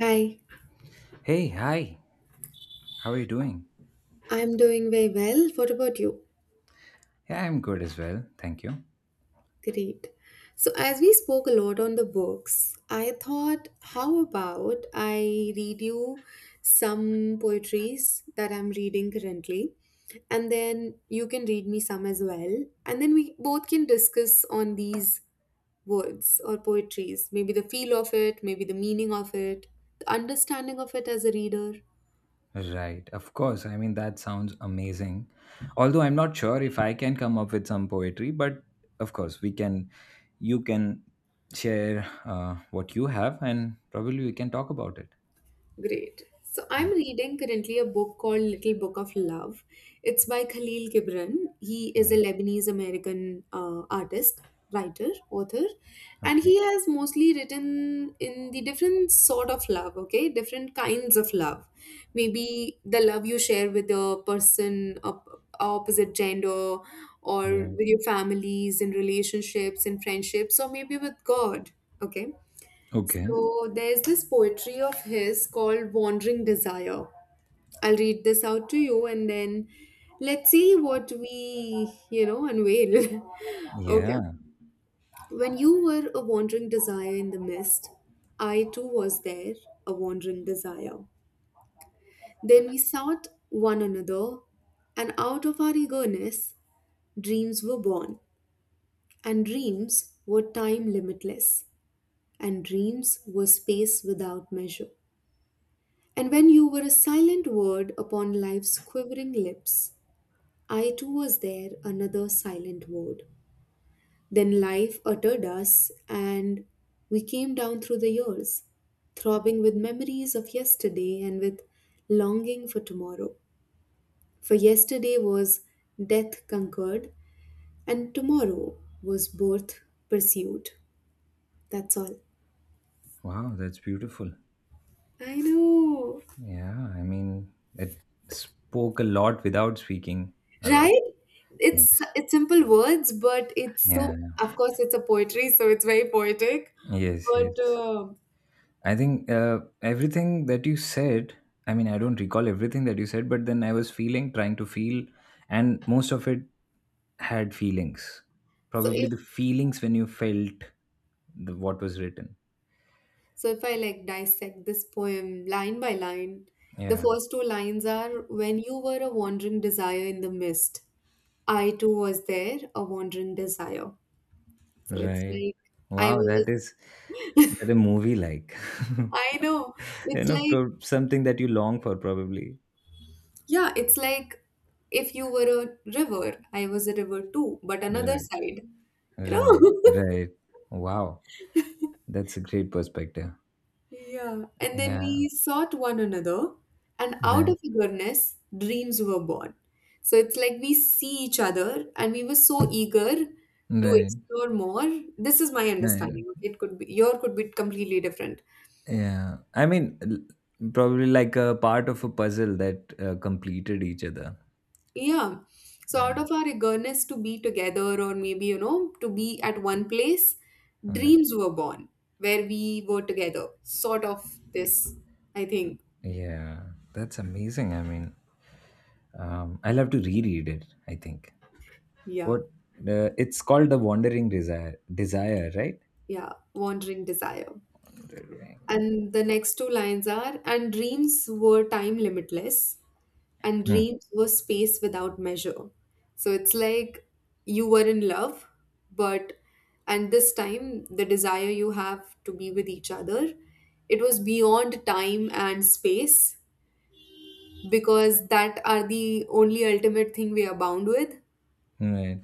Hi, Hey, hi. How are you doing? I'm doing very well. What about you? Yeah, I'm good as well. Thank you. Great. So, as we spoke a lot on the books, I thought, how about I read you some poetries that I'm reading currently, and then you can read me some as well, and then we both can discuss on these words or poetries, maybe the feel of it, maybe the meaning of it, the understanding of it as a reader. Right. Of course. I mean, that sounds amazing. Although I'm not sure if I can come up with some poetry, but of course, we can, you can share what you have and probably we can talk about it. Great. So Yeah. I'm reading currently a book called Little Book of Love. It's by Khalil Gibran. He is a Mm. Lebanese American artist, writer, author, and Okay. he has mostly written in the different sort of love, okay? Different kinds of love. Maybe the love you share with a person of opposite gender, or Right. with your families, in relationships, in friendships, or maybe with God, okay? Okay. So there's this poetry of his called Wandering Desire. I'll read this out to you and then let's see what we, you know, unveil. Okay. Yeah. When you were a wandering desire in the mist, I too was there, a wandering desire. Then we sought one another, and out of our eagerness, dreams were born, and dreams were time limitless, and dreams were space without measure. And when you were a silent word upon life's quivering lips, I too was there, another silent word. Then life uttered us, and we came down through the years, throbbing with memories of yesterday and with longing for tomorrow. For yesterday was death conquered, and tomorrow was birth pursued. That's all. Wow. That's beautiful. I know. Yeah. I mean, it spoke a lot without speaking a lot. Right, it's Yes. it's simple words, but it's Yeah. so of course it's a poetry, so it's very poetic, Yes. but Yes. I think everything that you said, I mean, I don't recall everything that you said, but then I was feeling, trying to feel, and most of it had feelings. so Probably if the feelings when you felt the, what was written. so if I like dissect this poem line by line, the Yeah, first two lines are, when you were a wandering desire in the mist, I too was there, a wandering desire. So it's right. like I Wow, was, that is that a movie like. I know, You it's know, like, something that you long for, probably. yeah, it's like, if you were a river, I was a river too, but another Right, side, you right, know. right. Wow, that's a great perspective. Yeah, and then Yeah, we sought one another, and out right, of eagerness, dreams were born. So it's like we see each other, and we were so eager to right, explore more. This is my right. understanding. Okay? It could be your, could be completely different. Yeah, I mean, probably like a part of a puzzle that completed each other. Yeah. So Yeah, out of our eagerness to be together, or maybe you know to be at one place, okay. dreams were born where we were together. Sort of this, I think. Yeah, yeah. That's amazing. I mean, I'll have to reread it. I think Yeah, what it's called, the Wandering Desire, desire, right? yeah. Wandering desire. Wandering. And the next two lines are, and dreams were time limitless, and Hmm. dreams were space without measure. So it's like you were in love, but, and this time, the desire you have to be with each other, it was beyond time and space because that are the only ultimate thing we are bound with. Right.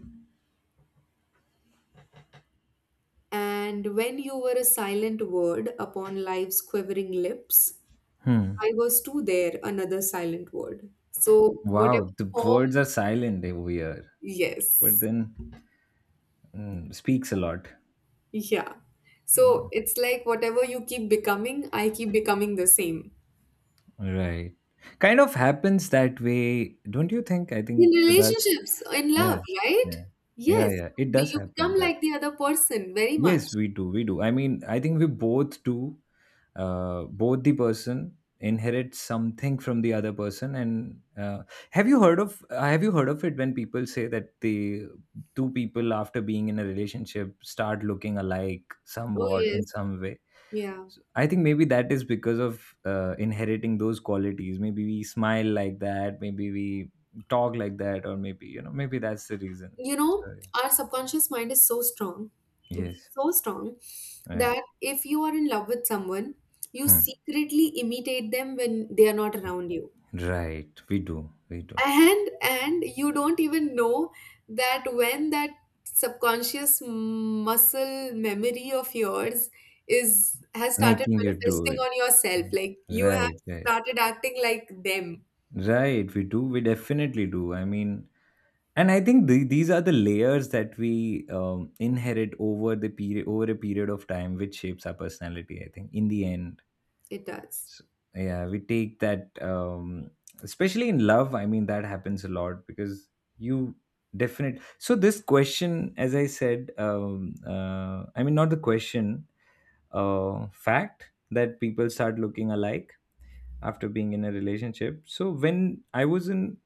And when you were a silent word upon life's quivering lips, Hmm. I was too there, another silent word. So, whatever Wow, the form, words are silent over here, but yes, then speaks a lot. yeah. So, Mm. it's like whatever you keep becoming, I keep becoming the same. Right. Kind of happens that way, don't you think? I think In with us. relationships, in Yeah, love, right? yeah, yeah, Yes, yeah. It but does you happen become that. like the other person very much. Yes, we do. We do. I mean, I think we both do, both the person inherits something from the other person, and have you heard of it when people say that the two people after being in a relationship start looking alike Oh, somewhat in yes, some way, yeah. so I think maybe that is because of inheriting those qualities. Maybe we smile like that, maybe we talk like that, or maybe, you know, maybe that's the reason. You So, know, our subconscious mind is so strong, yeah. Yes, so strong, right. that if you are in love with someone, you Hmm. secretly imitate them when they are not around you. Right, we do, we do, And you don't even know that when that subconscious muscle memory of yours is, has started making you do manifesting it. on yourself, like you have Right, right, started acting like them. right. We do. We definitely do. I mean, and I think the, these are the layers that we inherit over the period, over a period of time, which shapes our personality. I think in the end, It does. so, yeah, we take that, especially in love. I mean, that happens a lot because you definite. So this question, as I said, I mean, not the question, fact that people start looking alike after being in a relationship. So when I was in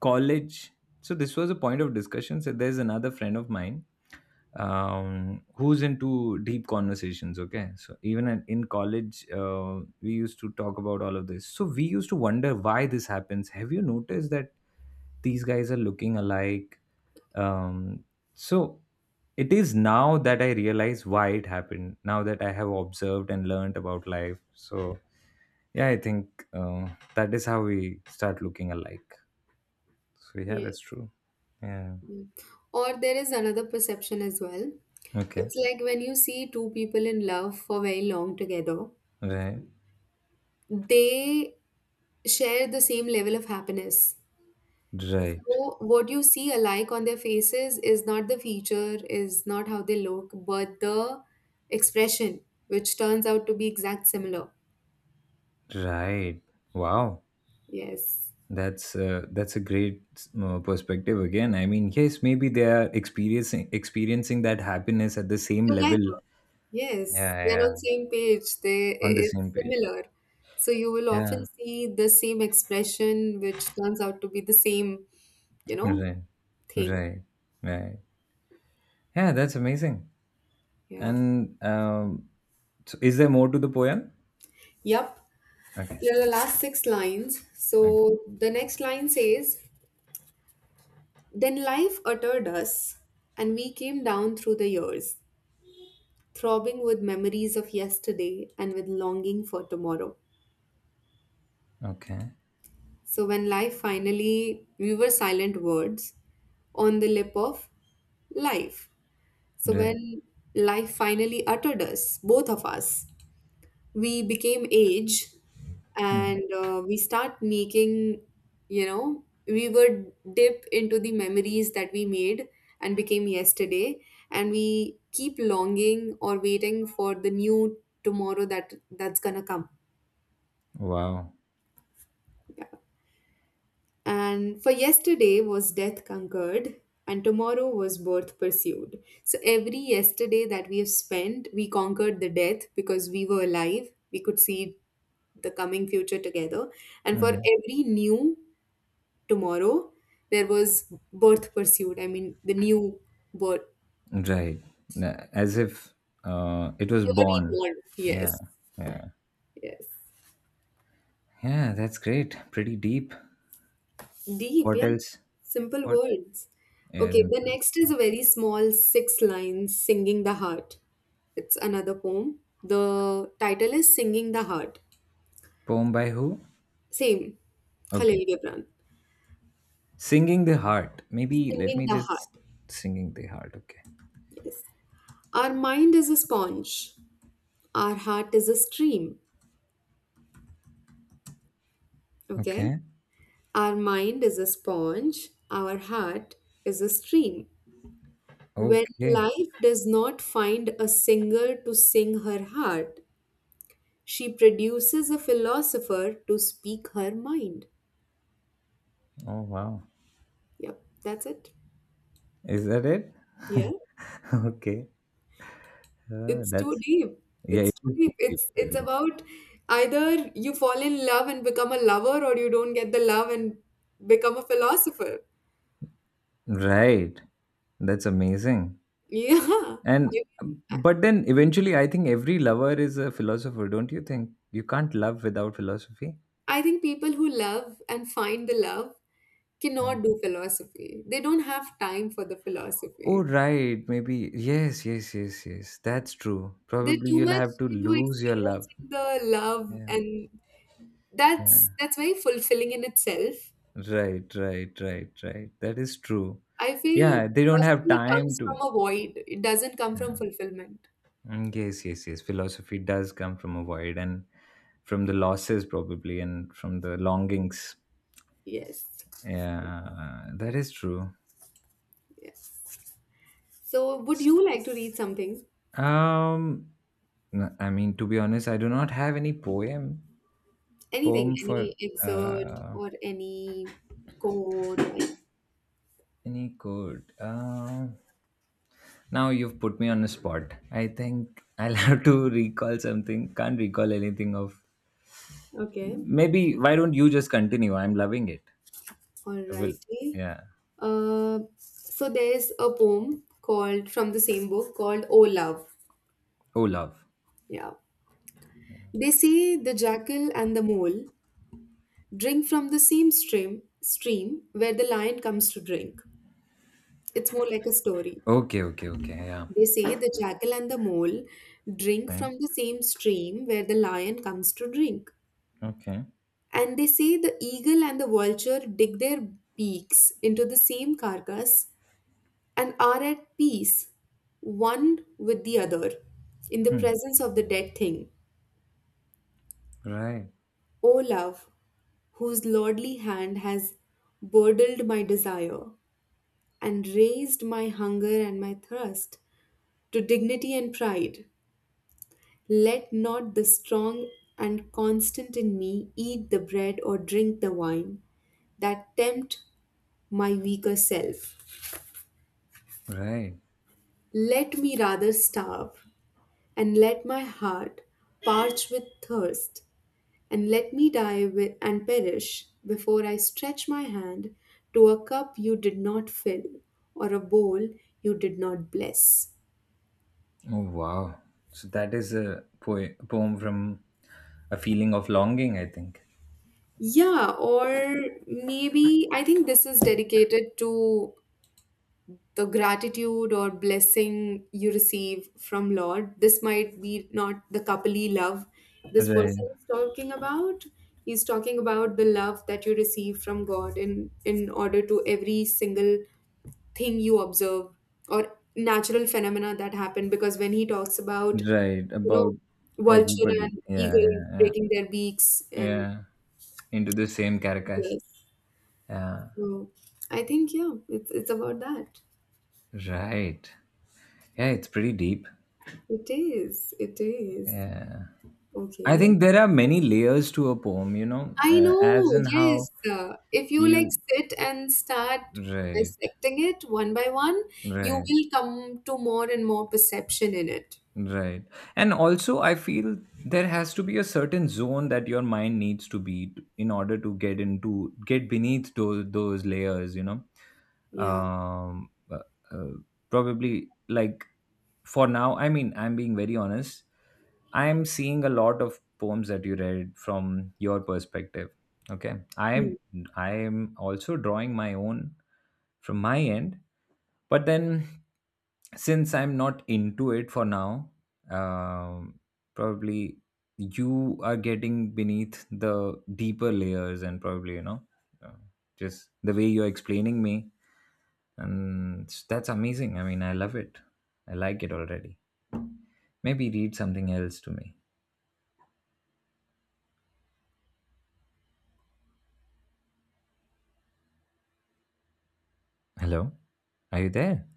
college, so this was a point of discussion. So there's another friend of mine who's into deep conversations. Okay, so even in college, we used to talk about all of this. So we used to wonder why this happens. Have you noticed that these guys are looking alike? Um, so it is now that I realize why it happened. Now that I have observed and learned about life, so yeah, I think that is how we start looking alike. So yeah, that's Yes. true. Yeah. Mm. Or there is another perception as well. Okay. It's like when you see two people in love for very long together, Right. they share the same level of happiness. Right. So what you see alike on their faces is not the feature, is not how they look, but the expression, which turns out to be exact similar. Right. Wow. Yes. That's a great perspective again. I mean, yes, maybe they are experiencing that happiness at the same level. Together. Yes. Yeah, They're on yeah. same page. They, On the it's same page. similar. So you will often Yeah. see the same expression, which turns out to be the same, you know, Right. thing. Right. Right. Yeah, that's amazing. Yeah. And so is there more to the poem? Yep. Okay. Here are the last six lines. Okay. So the next line says, then life uttered us, and we came down through the years, throbbing with memories of yesterday and with longing for tomorrow. Okay. So when life finally, we were silent words on the lip of life. So Right. when life finally uttered us, both of us, we became age Hmm. and we start making, you know, we would dip into the memories that we made and became yesterday, and we keep longing or waiting for the new tomorrow that's gonna come. Wow. Yeah. And for yesterday was death conquered, and tomorrow was birth pursued. So every yesterday that we have spent, we conquered the death because we were alive. We could see the coming future together. And for Mhm. every new tomorrow, there was birth pursued. I mean, the new birth. Right. As if it was They were born. reborn. Yeah. Yes. Yeah. Yes. Yeah. That's great. Pretty deep. Deep, What yeah. else? Simple What? words. Yeah, it's Okay, the included. next is a very small six lines, Singing the Heart. It's another poem. The title is Singing the Heart. Poem by who? Same, Okay. Khalil Gibran. Singing the Heart. Maybe let Singing me the just Heart. singing the heart. Okay. Yes. Our mind is a sponge, our heart is a stream. Okay? Okay. Our mind is a sponge, our heart is a stream. When Okay. life does not find a singer to sing her heart, she produces a philosopher to speak her mind. Oh wow. Yep, that's it. Is that it? Yeah, Okay. It's too That's deep. yeah. It's It too is deep. pretty It's deep. about either you fall in love and become a lover, or you don't get the love and become a philosopher. Right. That's amazing. Yeah, I, And mean, I but then eventually, I think every lover is a philosopher, don't you think? You can't love without philosophy. I think people who love and find the love Mm. cannot do philosophy. They don't have time for the Oh, philosophy. right. Maybe. Yes, yes, yes, yes. That's true. They're Probably too you'll much have to into lose your love. experiencing the love, Yeah, and that's yeah. Very fulfilling in itself. Right, right, right, right. That is true. I feel Yeah, they don't have philosophy time comes to. from a void. It doesn't come from Yeah. fulfillment. Mm, yes, yes, yes. Philosophy does come from a void and from the losses, probably, and from the longings. Yes. Yeah, that is true. Yes. So, would you like to read something? Um, I mean, to be honest, I do not have any poem Anything, poem for any excerpt uh, or any quote or, any code. Now you've put me on the spot. I think I'll have to recall something. Can't recall anything of. okay. Maybe why don't you just continue? I'm loving it. I will. Alrighty. Yeah. So there's a poem called, from the same book, called Oh Love. Oh, love. Yeah. They say the jackal and the mole drink from the same stream where the lion comes to drink. It's more like a story. Okay. Okay. Okay. Yeah. They say the jackal and the mole drink Right. from the same stream where the lion comes to drink. Okay. And they say the eagle and the vulture dig their beaks into the same carcass and are at peace, one with the other, in the Hmm. presence of the dead thing. Right. O love, whose lordly hand has burdened my desire and raised my hunger and my thirst to dignity and pride. Let not the strong and constant in me eat the bread or drink the wine that tempt my weaker self. Right. Let me rather starve, and let my heart parch with thirst, and let me die with, and perish before I stretch my hand to a cup you did not fill or a bowl you did not bless. Oh, wow. So that is a poem from a feeling of longing, I think. Yeah, or maybe I think this is dedicated to the gratitude or blessing you receive from Lord. This might be not the kapali love this Right, person is talking about. He's talking about the love that you receive from God, in order to every single thing you observe or natural phenomena that happen, because when he talks about, right. you know, About vulture everybody. and Yeah, eagle yeah, yeah. breaking their beaks and, Yeah, into the same carcass. yes, Yeah, so I think, yeah, it's about that. right. Yeah, it's pretty deep. It is, it is. I Okay. think there are many layers to a poem, you know, I as know, in how yes. If you like you. sit and start Right, dissecting it one by one, you right. will come to more and more perception in it. Right. And also, I feel there has to be a certain zone that your mind needs to be in order to get into, get beneath those layers, you know. Yeah. Um, uh, uh, Probably like for now, I mean, I'm being very honest. I'm seeing a lot of poems that you read from your perspective. Okay. I am Hmm. I am also drawing my own from my end, but then since I'm not into it for now, um, probably you are getting beneath the deeper layers, and probably you know, uh, just the way you're explaining me, and that's amazing. I mean, I love it. I like it already. Maybe read something else to me. Hello, are you there?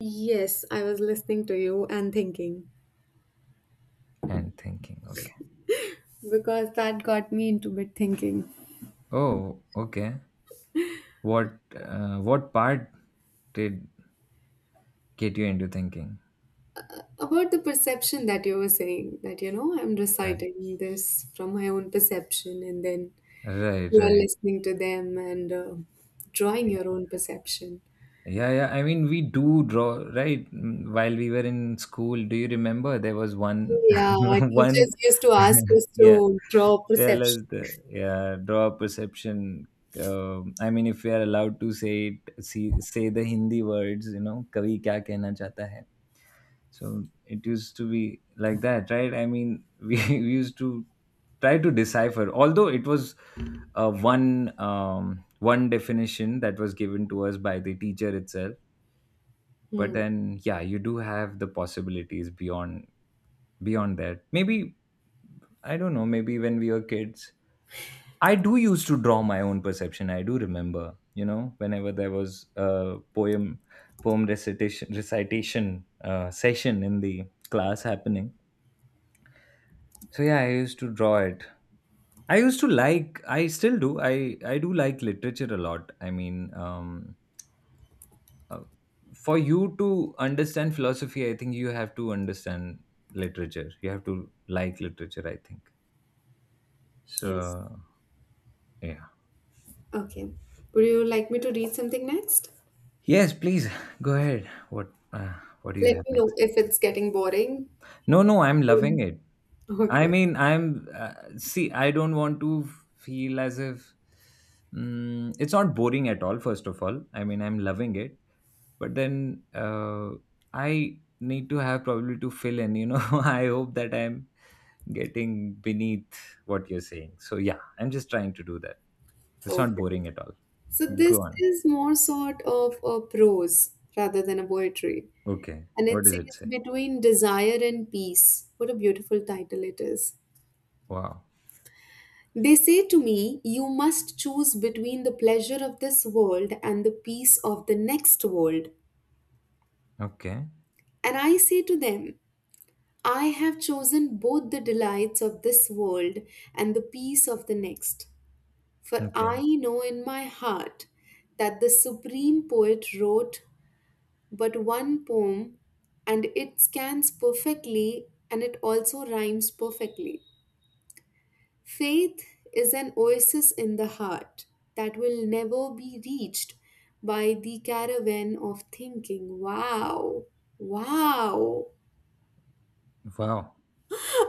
Yes, I was listening to you and thinking And thinking, okay, because that got me into bit thinking. oh, okay. What part did get you into thinking? About the perception that you were saying, that, you know, I'm Right, reciting this from my own perception, and then right, you are right. listening to them and drawing your own perception. Yeah, yeah. I mean, we do draw, right? Mm, while we were in school, do you remember there was one, Yeah, one, teachers used to ask us yeah, to draw tell us perception. the, yeah, draw a perception. I mean, if we are allowed to say it, see, say the Hindi words, you know, kavi kya kehna chahta hai. So it used to be like that, right? I mean, we used to try to decipher, although it was one definition that was given to us by the teacher itself, but Hmm. then yeah, you do have the possibilities beyond that. Maybe I don't know, maybe when we were kids, I do used to draw my own perception. I do remember, you know, whenever there was a poem recitation session in the class happening, so yeah, I used to draw it. I used to like, I still do, I do like literature a lot. I mean um uh, for you to understand philosophy, I think you have to understand literature, you have to like literature, I think. Yes. So yeah. Okay. Would you like me to read something next? Yes please. Go ahead, what do you Let have me know next? if it's getting boring. No, no, I'm Yeah. loving it. I Okay. mean, I'm see, I don't want to feel as if it's not boring at all, first of all. I mean, I'm loving it, but then I need to have probably to fill in, you know. I hope that I'm getting beneath what you're saying. So, yeah, I'm just trying to do that. It's not Okay. boring at all. So this Go on. is more sort of a prose rather than a poetry. Okay. And What it does it says, say? Between Desire and Peace. What a beautiful title it is. Wow. They say to me, you must choose between the pleasure of this world and the peace of the next world. Okay. And I say to them, I have chosen both the delights of this world and the peace of the next, for Okay. I know in my heart that the supreme poet wrote but one poem, and it scans perfectly and it also rhymes perfectly. Faith is an oasis in the heart that will never be reached by the caravan of thinking. Wow! Wow! Wow.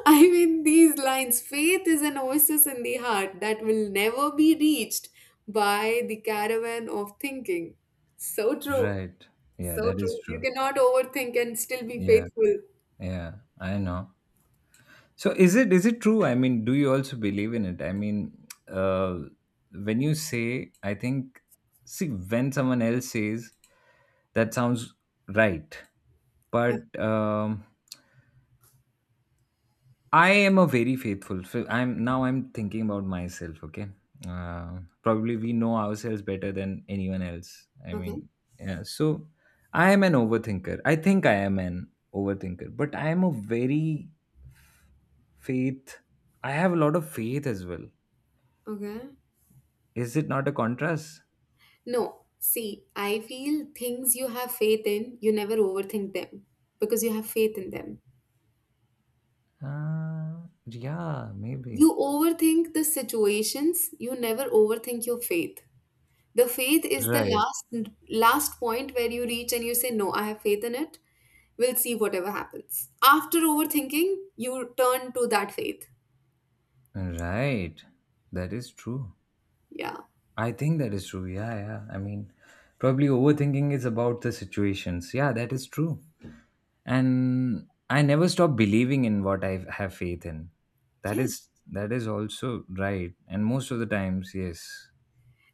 I mean, these lines, faith is an oasis in the heart that will never be reached by the caravan of thinking. So true. Right. Yeah, So that true. is You true. cannot overthink and still be Yeah. faithful. Yeah, I know. So is it, is it true? I mean, do you also believe in it? I mean, uh, when you say, I think, see, when someone else says, that sounds right. Uh, But I am a very faithful. So I'm, now I'm thinking about myself. Okay, probably we know ourselves better than anyone else. I Okay. mean, yeah. So I am an overthinker. I think I am an overthinker, but I am a very Faith. I have a lot of faith as well. Okay. Is it not a contrast? No, see, I feel things you have faith in, you never overthink them because you have faith in them. Yeah, maybe. You overthink the situations, you never overthink your faith. The faith is the Right. last point where you reach and you say, "No, I have faith in it. We'll see whatever happens." After overthinking, you turn to that faith. Right. That is true. Yeah. I think that is true. Yeah, yeah. I mean, probably overthinking is about the situations. Yeah, that is true. And I never stop believing in what I have faith in. That Yes. is, that is also right. And most of the times, yes.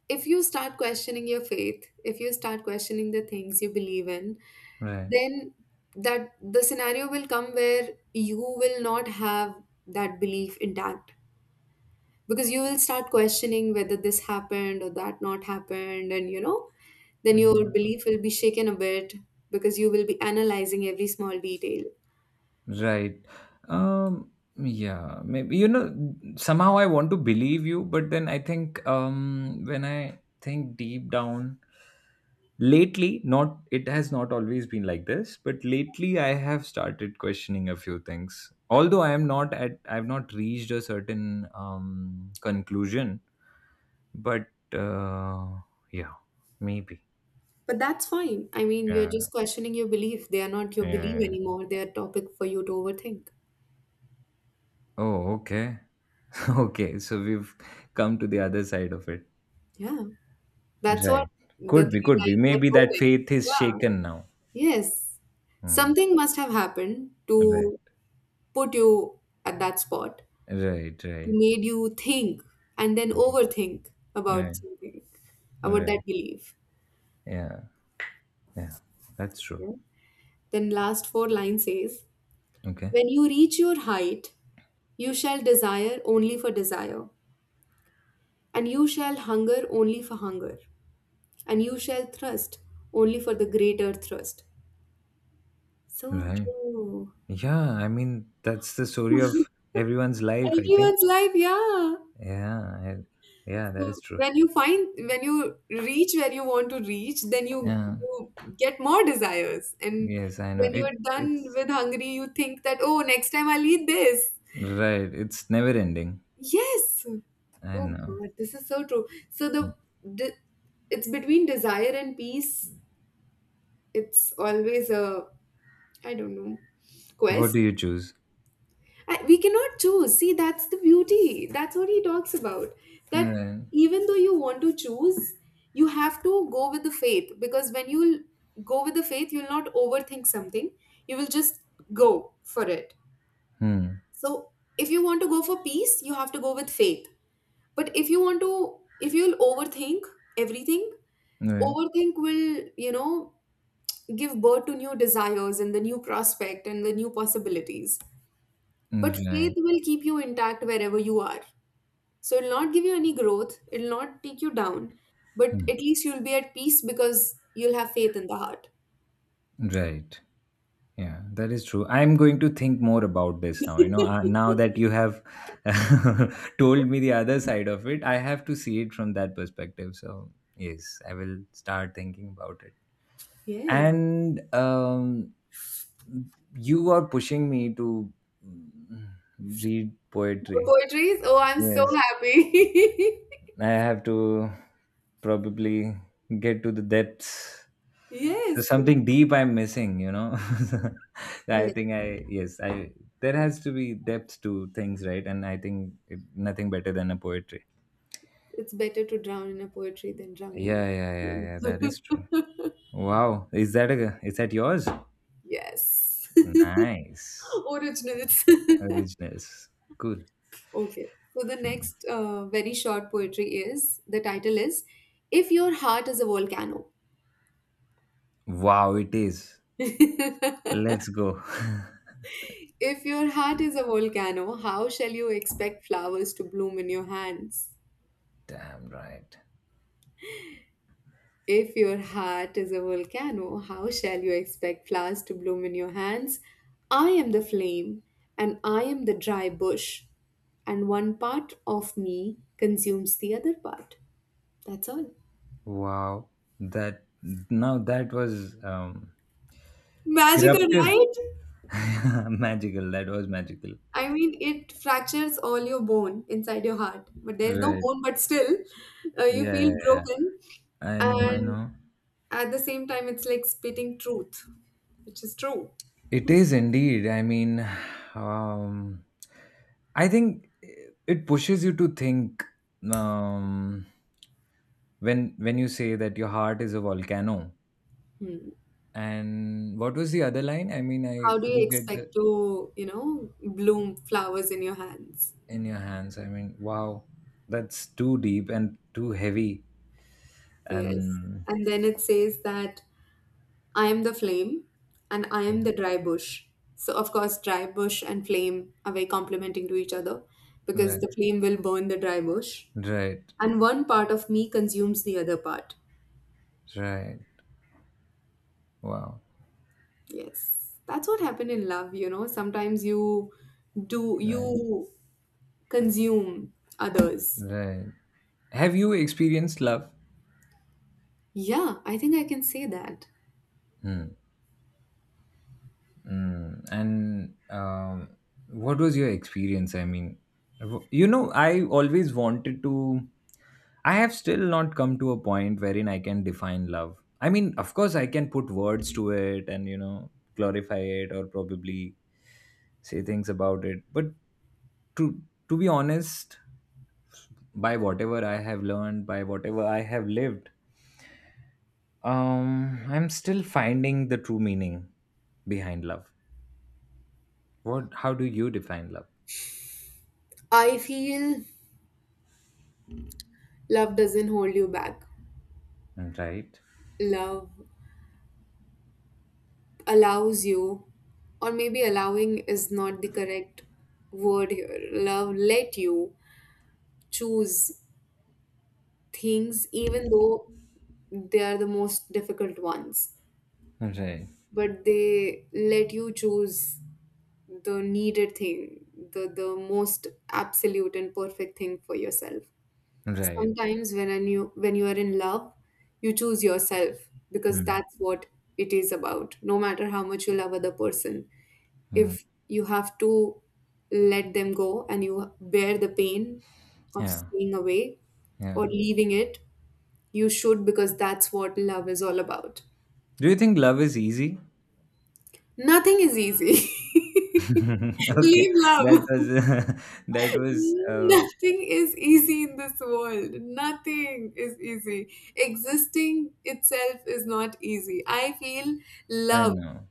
If you start questioning your faith, if you start questioning the things you believe in, Right. then that the scenario will come where you will not have that belief intact, because you will start questioning whether this happened or that not happened, and then your Mm-hmm. belief will be shaken a bit because you will be analyzing every small detail. Right. Um, yeah, maybe you know somehow I want to believe you, but then I think when I think deep down lately, not it has not always been like this, but lately I have started questioning a few things. Although I am not at, I've not reached a certain conclusion, but uh yeah, maybe. But that's fine. I mean, you're Yeah, just questioning your belief. They are not your belief yeah. anymore. They are topic for you to overthink. Oh, okay. Okay, so we've come to the other side of it. Yeah. That's what Right. the Could be, three could be. lines are Maybe that quoting. faith is Yeah. shaken now. Yes. Hmm. Something must have happened Right. to put you at that spot, Right. to Right. made you think and then Mm. overthink about Right. something, about that Right. belief. Yeah. Yeah. That's true. Yeah. Then last four line says, Okay. when you reach your height, you shall desire only for desire, and you shall hunger only for hunger, and you shall thrust only for the greater thrust. So Right. true. Yeah. I mean, that's the story of everyone's life, I think. Everyone's life, yeah. Yeah. Yeah. That So is true. when you find when you reach where you want to reach, then you Yeah. you get more desires. And Yes. I know. when It. you're done It's with hungry, you think that, oh, next time I'll eat this. right. It's never ending. Yes. I Oh know. God, this is so true. So the it's between desire and peace. It's always a I don't know What do quest. you choose? We cannot choose. See, that's the beauty. That's what he talks about. That Right. even though you want to choose, you have to go with the faith, because when you'll go with the faith, you'll not overthink something. You will just go for it. Hmm. So, if you want to go for peace, you have to go with faith. But if you want to, if you'll overthink everything, Right. overthink will, give birth to new desires and the new prospect and the new possibilities. But faith Right. will keep you intact wherever you are. So it'll not give you any growth, it'll not take you down, but Hmm. at least you'll be at peace because you'll have faith in the heart. Right. Yeah, that is true. I'm going to think more about this now. You know, now that you have told me the other side of it, I have to see it from that perspective. So, yes, I will start thinking about it. Yes. And you are pushing me to mm, read poetry. Poetry, oh, I'm so Yes. happy. I have to probably get to the depths. So Yes. So, something deep I'm missing, you know. I yes, think I yes, I there has to be depth to things, right? And I think it, nothing better than a poetry. it's better to drown in a poetry than drowning Yeah, yeah, yeah, in yeah. That is true. a… Wow, is that a is that yours? Yes. Nice Originals. originals. Cool. Okay. So the next very short poetry, is the title is "If Your Heart is a Volcano." Wow, it is. Let's go. If your heart is a volcano, how shall you expect flowers to bloom in your hands? Damn right. If your heart is a volcano, how shall you expect flowers to bloom in your hands? I am the flame, and I am the dry bush, and one part of me consumes the other part. That's all. Wow, that now that was Magical, eruptive. right? Magical. That was magical. I mean, it fractures all your bone inside your heart, but there's no Right. bone, but still, you feel Yeah, yeah, yeah. broken. I know, I And know. at the same time, it's like spitting truth, which is true. It is indeed. I mean, um, I think it pushes you to think, um, when you say that your heart is a volcano. Hmm. And what was the other line? I mean, How I do you do get expect the to, bloom flowers in your hands? in your hands. I mean, wow, that's too deep and too heavy. Yes. And And then it says that I am the flame and I am the dry bush. So, of course, dry bush and flame are very complementing to each other because right, the flame will burn the dry bush. right, And one part of me consumes the other part. right. Wow. Yes. That's what happened in love. Sometimes you do, Right, you consume others. right. Have you experienced love? Yeah, I think I can say that. Hmm. Mm. And what was your experience? I mean, you know, I always wanted to. I have still not come to a point wherein I can define love. I mean, of course, I can put words to it and, you know, glorify it or probably say things about it. But to to be honest, by whatever I have learned, by whatever I have lived, I'm still finding the true meaning behind love. What? How do you define love? I feel love doesn't hold you back. Right. Love allows you, or maybe allowing is not the correct word here. Love let you choose things even though they are the most difficult ones. Right. But they let you choose the needed thing, the most absolute and perfect thing for yourself. Right. Sometimes when I knew when you are in love, you choose yourself because Hmm. that's what it is about. No matter how much you love other person, Hmm. if you have to let them go and you bear the pain of Yeah. staying away Yeah. or leaving it, you should, because that's what love is all about. Do you think love is easy? Nothing is easy. Okay. Leave That love. was. That was. Mm, nothing is easy in this world. Nothing is easy. Existing itself is not easy. I feel I love know.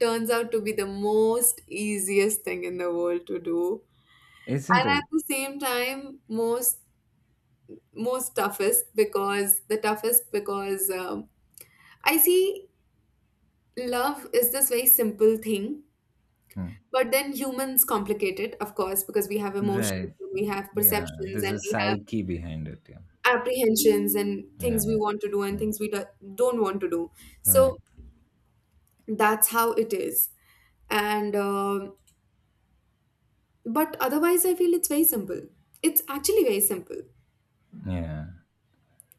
turns out to be the most easiest thing in the world to do. Isn't And at it? the same time, most toughest because the toughest because I see love is this very simple thing, Hmm. but then humans complicate it, of course, because we have emotions, Right. and we have Yeah. perceptions, There's and a we have psyche behind it. Yeah. apprehensions and things we Yeah. want to do and Yeah. things we don't want to do. Right. So that's how it is. And but otherwise, I feel it's very simple. It's actually very simple, Yeah.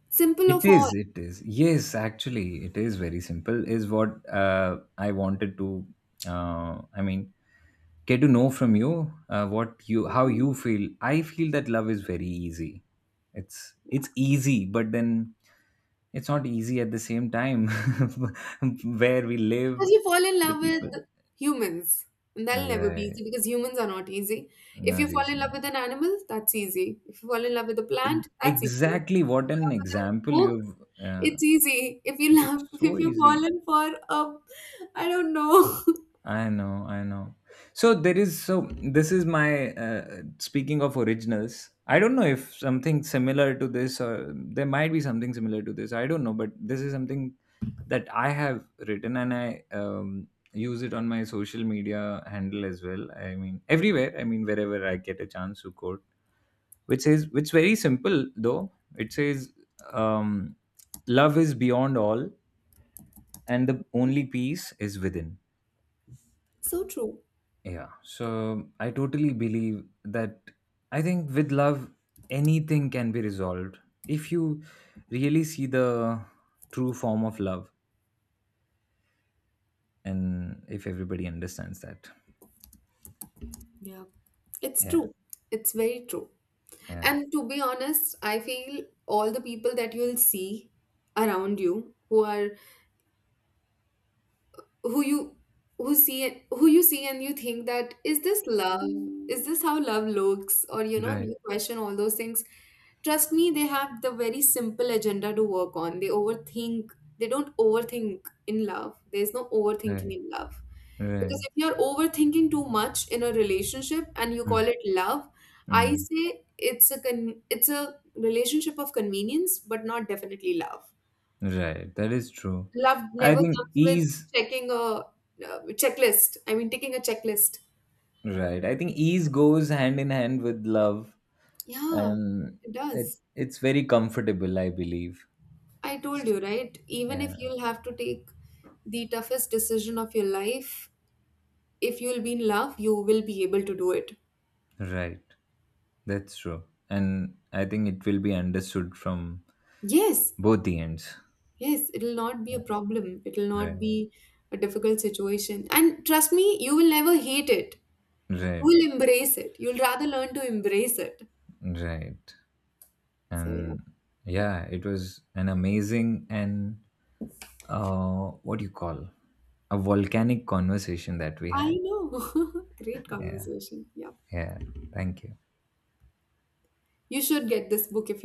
simple It of all, is, it is. Yes, actually, it is very simple, is what I wanted to, I mean, get to know from you, what you, how you feel. I feel that love is very easy. It's easy, but then it's not easy at the same time where we live, because you fall in the love with people. humans. And that'll never be Right. easy because humans are not easy. If you Not fall easy. in love with an animal, that's easy. If you fall in love with a It, plant, that's easy. If you exactly what fall an in love with a example book, you've, uh, it's easy. If you it is love, so if you fall easy. in for a, I don't know. I know, I know. So there is so this is my speaking of originals. I don't know if something similar to this or there might be something similar to this. I don't know, but this is something that I have written and I use it on my social media handle as well. I mean everywhere. I mean wherever I get a chance to quote, which says which very simple though. It says, um, love is beyond all, and the only peace is within. So true. Yeah, so I totally believe that I think with love, anything can be resolved if you really see the true form of love and if everybody understands that. Yeah, it's Yeah, true. It's very true. yeah, And to be honest, I feel all the people that you'll see around you who are who you who see it who you see and you think that is this love, is this how love looks, or right, you question all those things, trust me, they have the very simple agenda to work on. They overthink. They don't overthink in love. There's no overthinking right, in love, right, because if you're overthinking too much in a relationship and you mm, call it love, I mm, say it's a it's a relationship of convenience, but not definitely love. right. That is true. Love I never think comes with ease, checking a checklist. I mean, taking a checklist. right, I think ease goes hand in hand with love Yeah, and it it, does. it's very comfortable, I believe. I told you, right? Even Yeah, if you'll have to take the toughest decision of your life, if you'll be in love, you will be able to do it. right. That's true. And I think it will be understood from Yes, both the ends. yes, it'll not be a problem. It'll not Right. be a difficult situation. And trust me, you will never hate it. You Right. will embrace it. You'll rather learn to embrace it. Right. So, yeah. And yeah, it was an amazing and what do you call? A volcanic conversation that we I had. know. Great Yeah. conversation. Yeah. Yeah. Thank you. You should get this book if you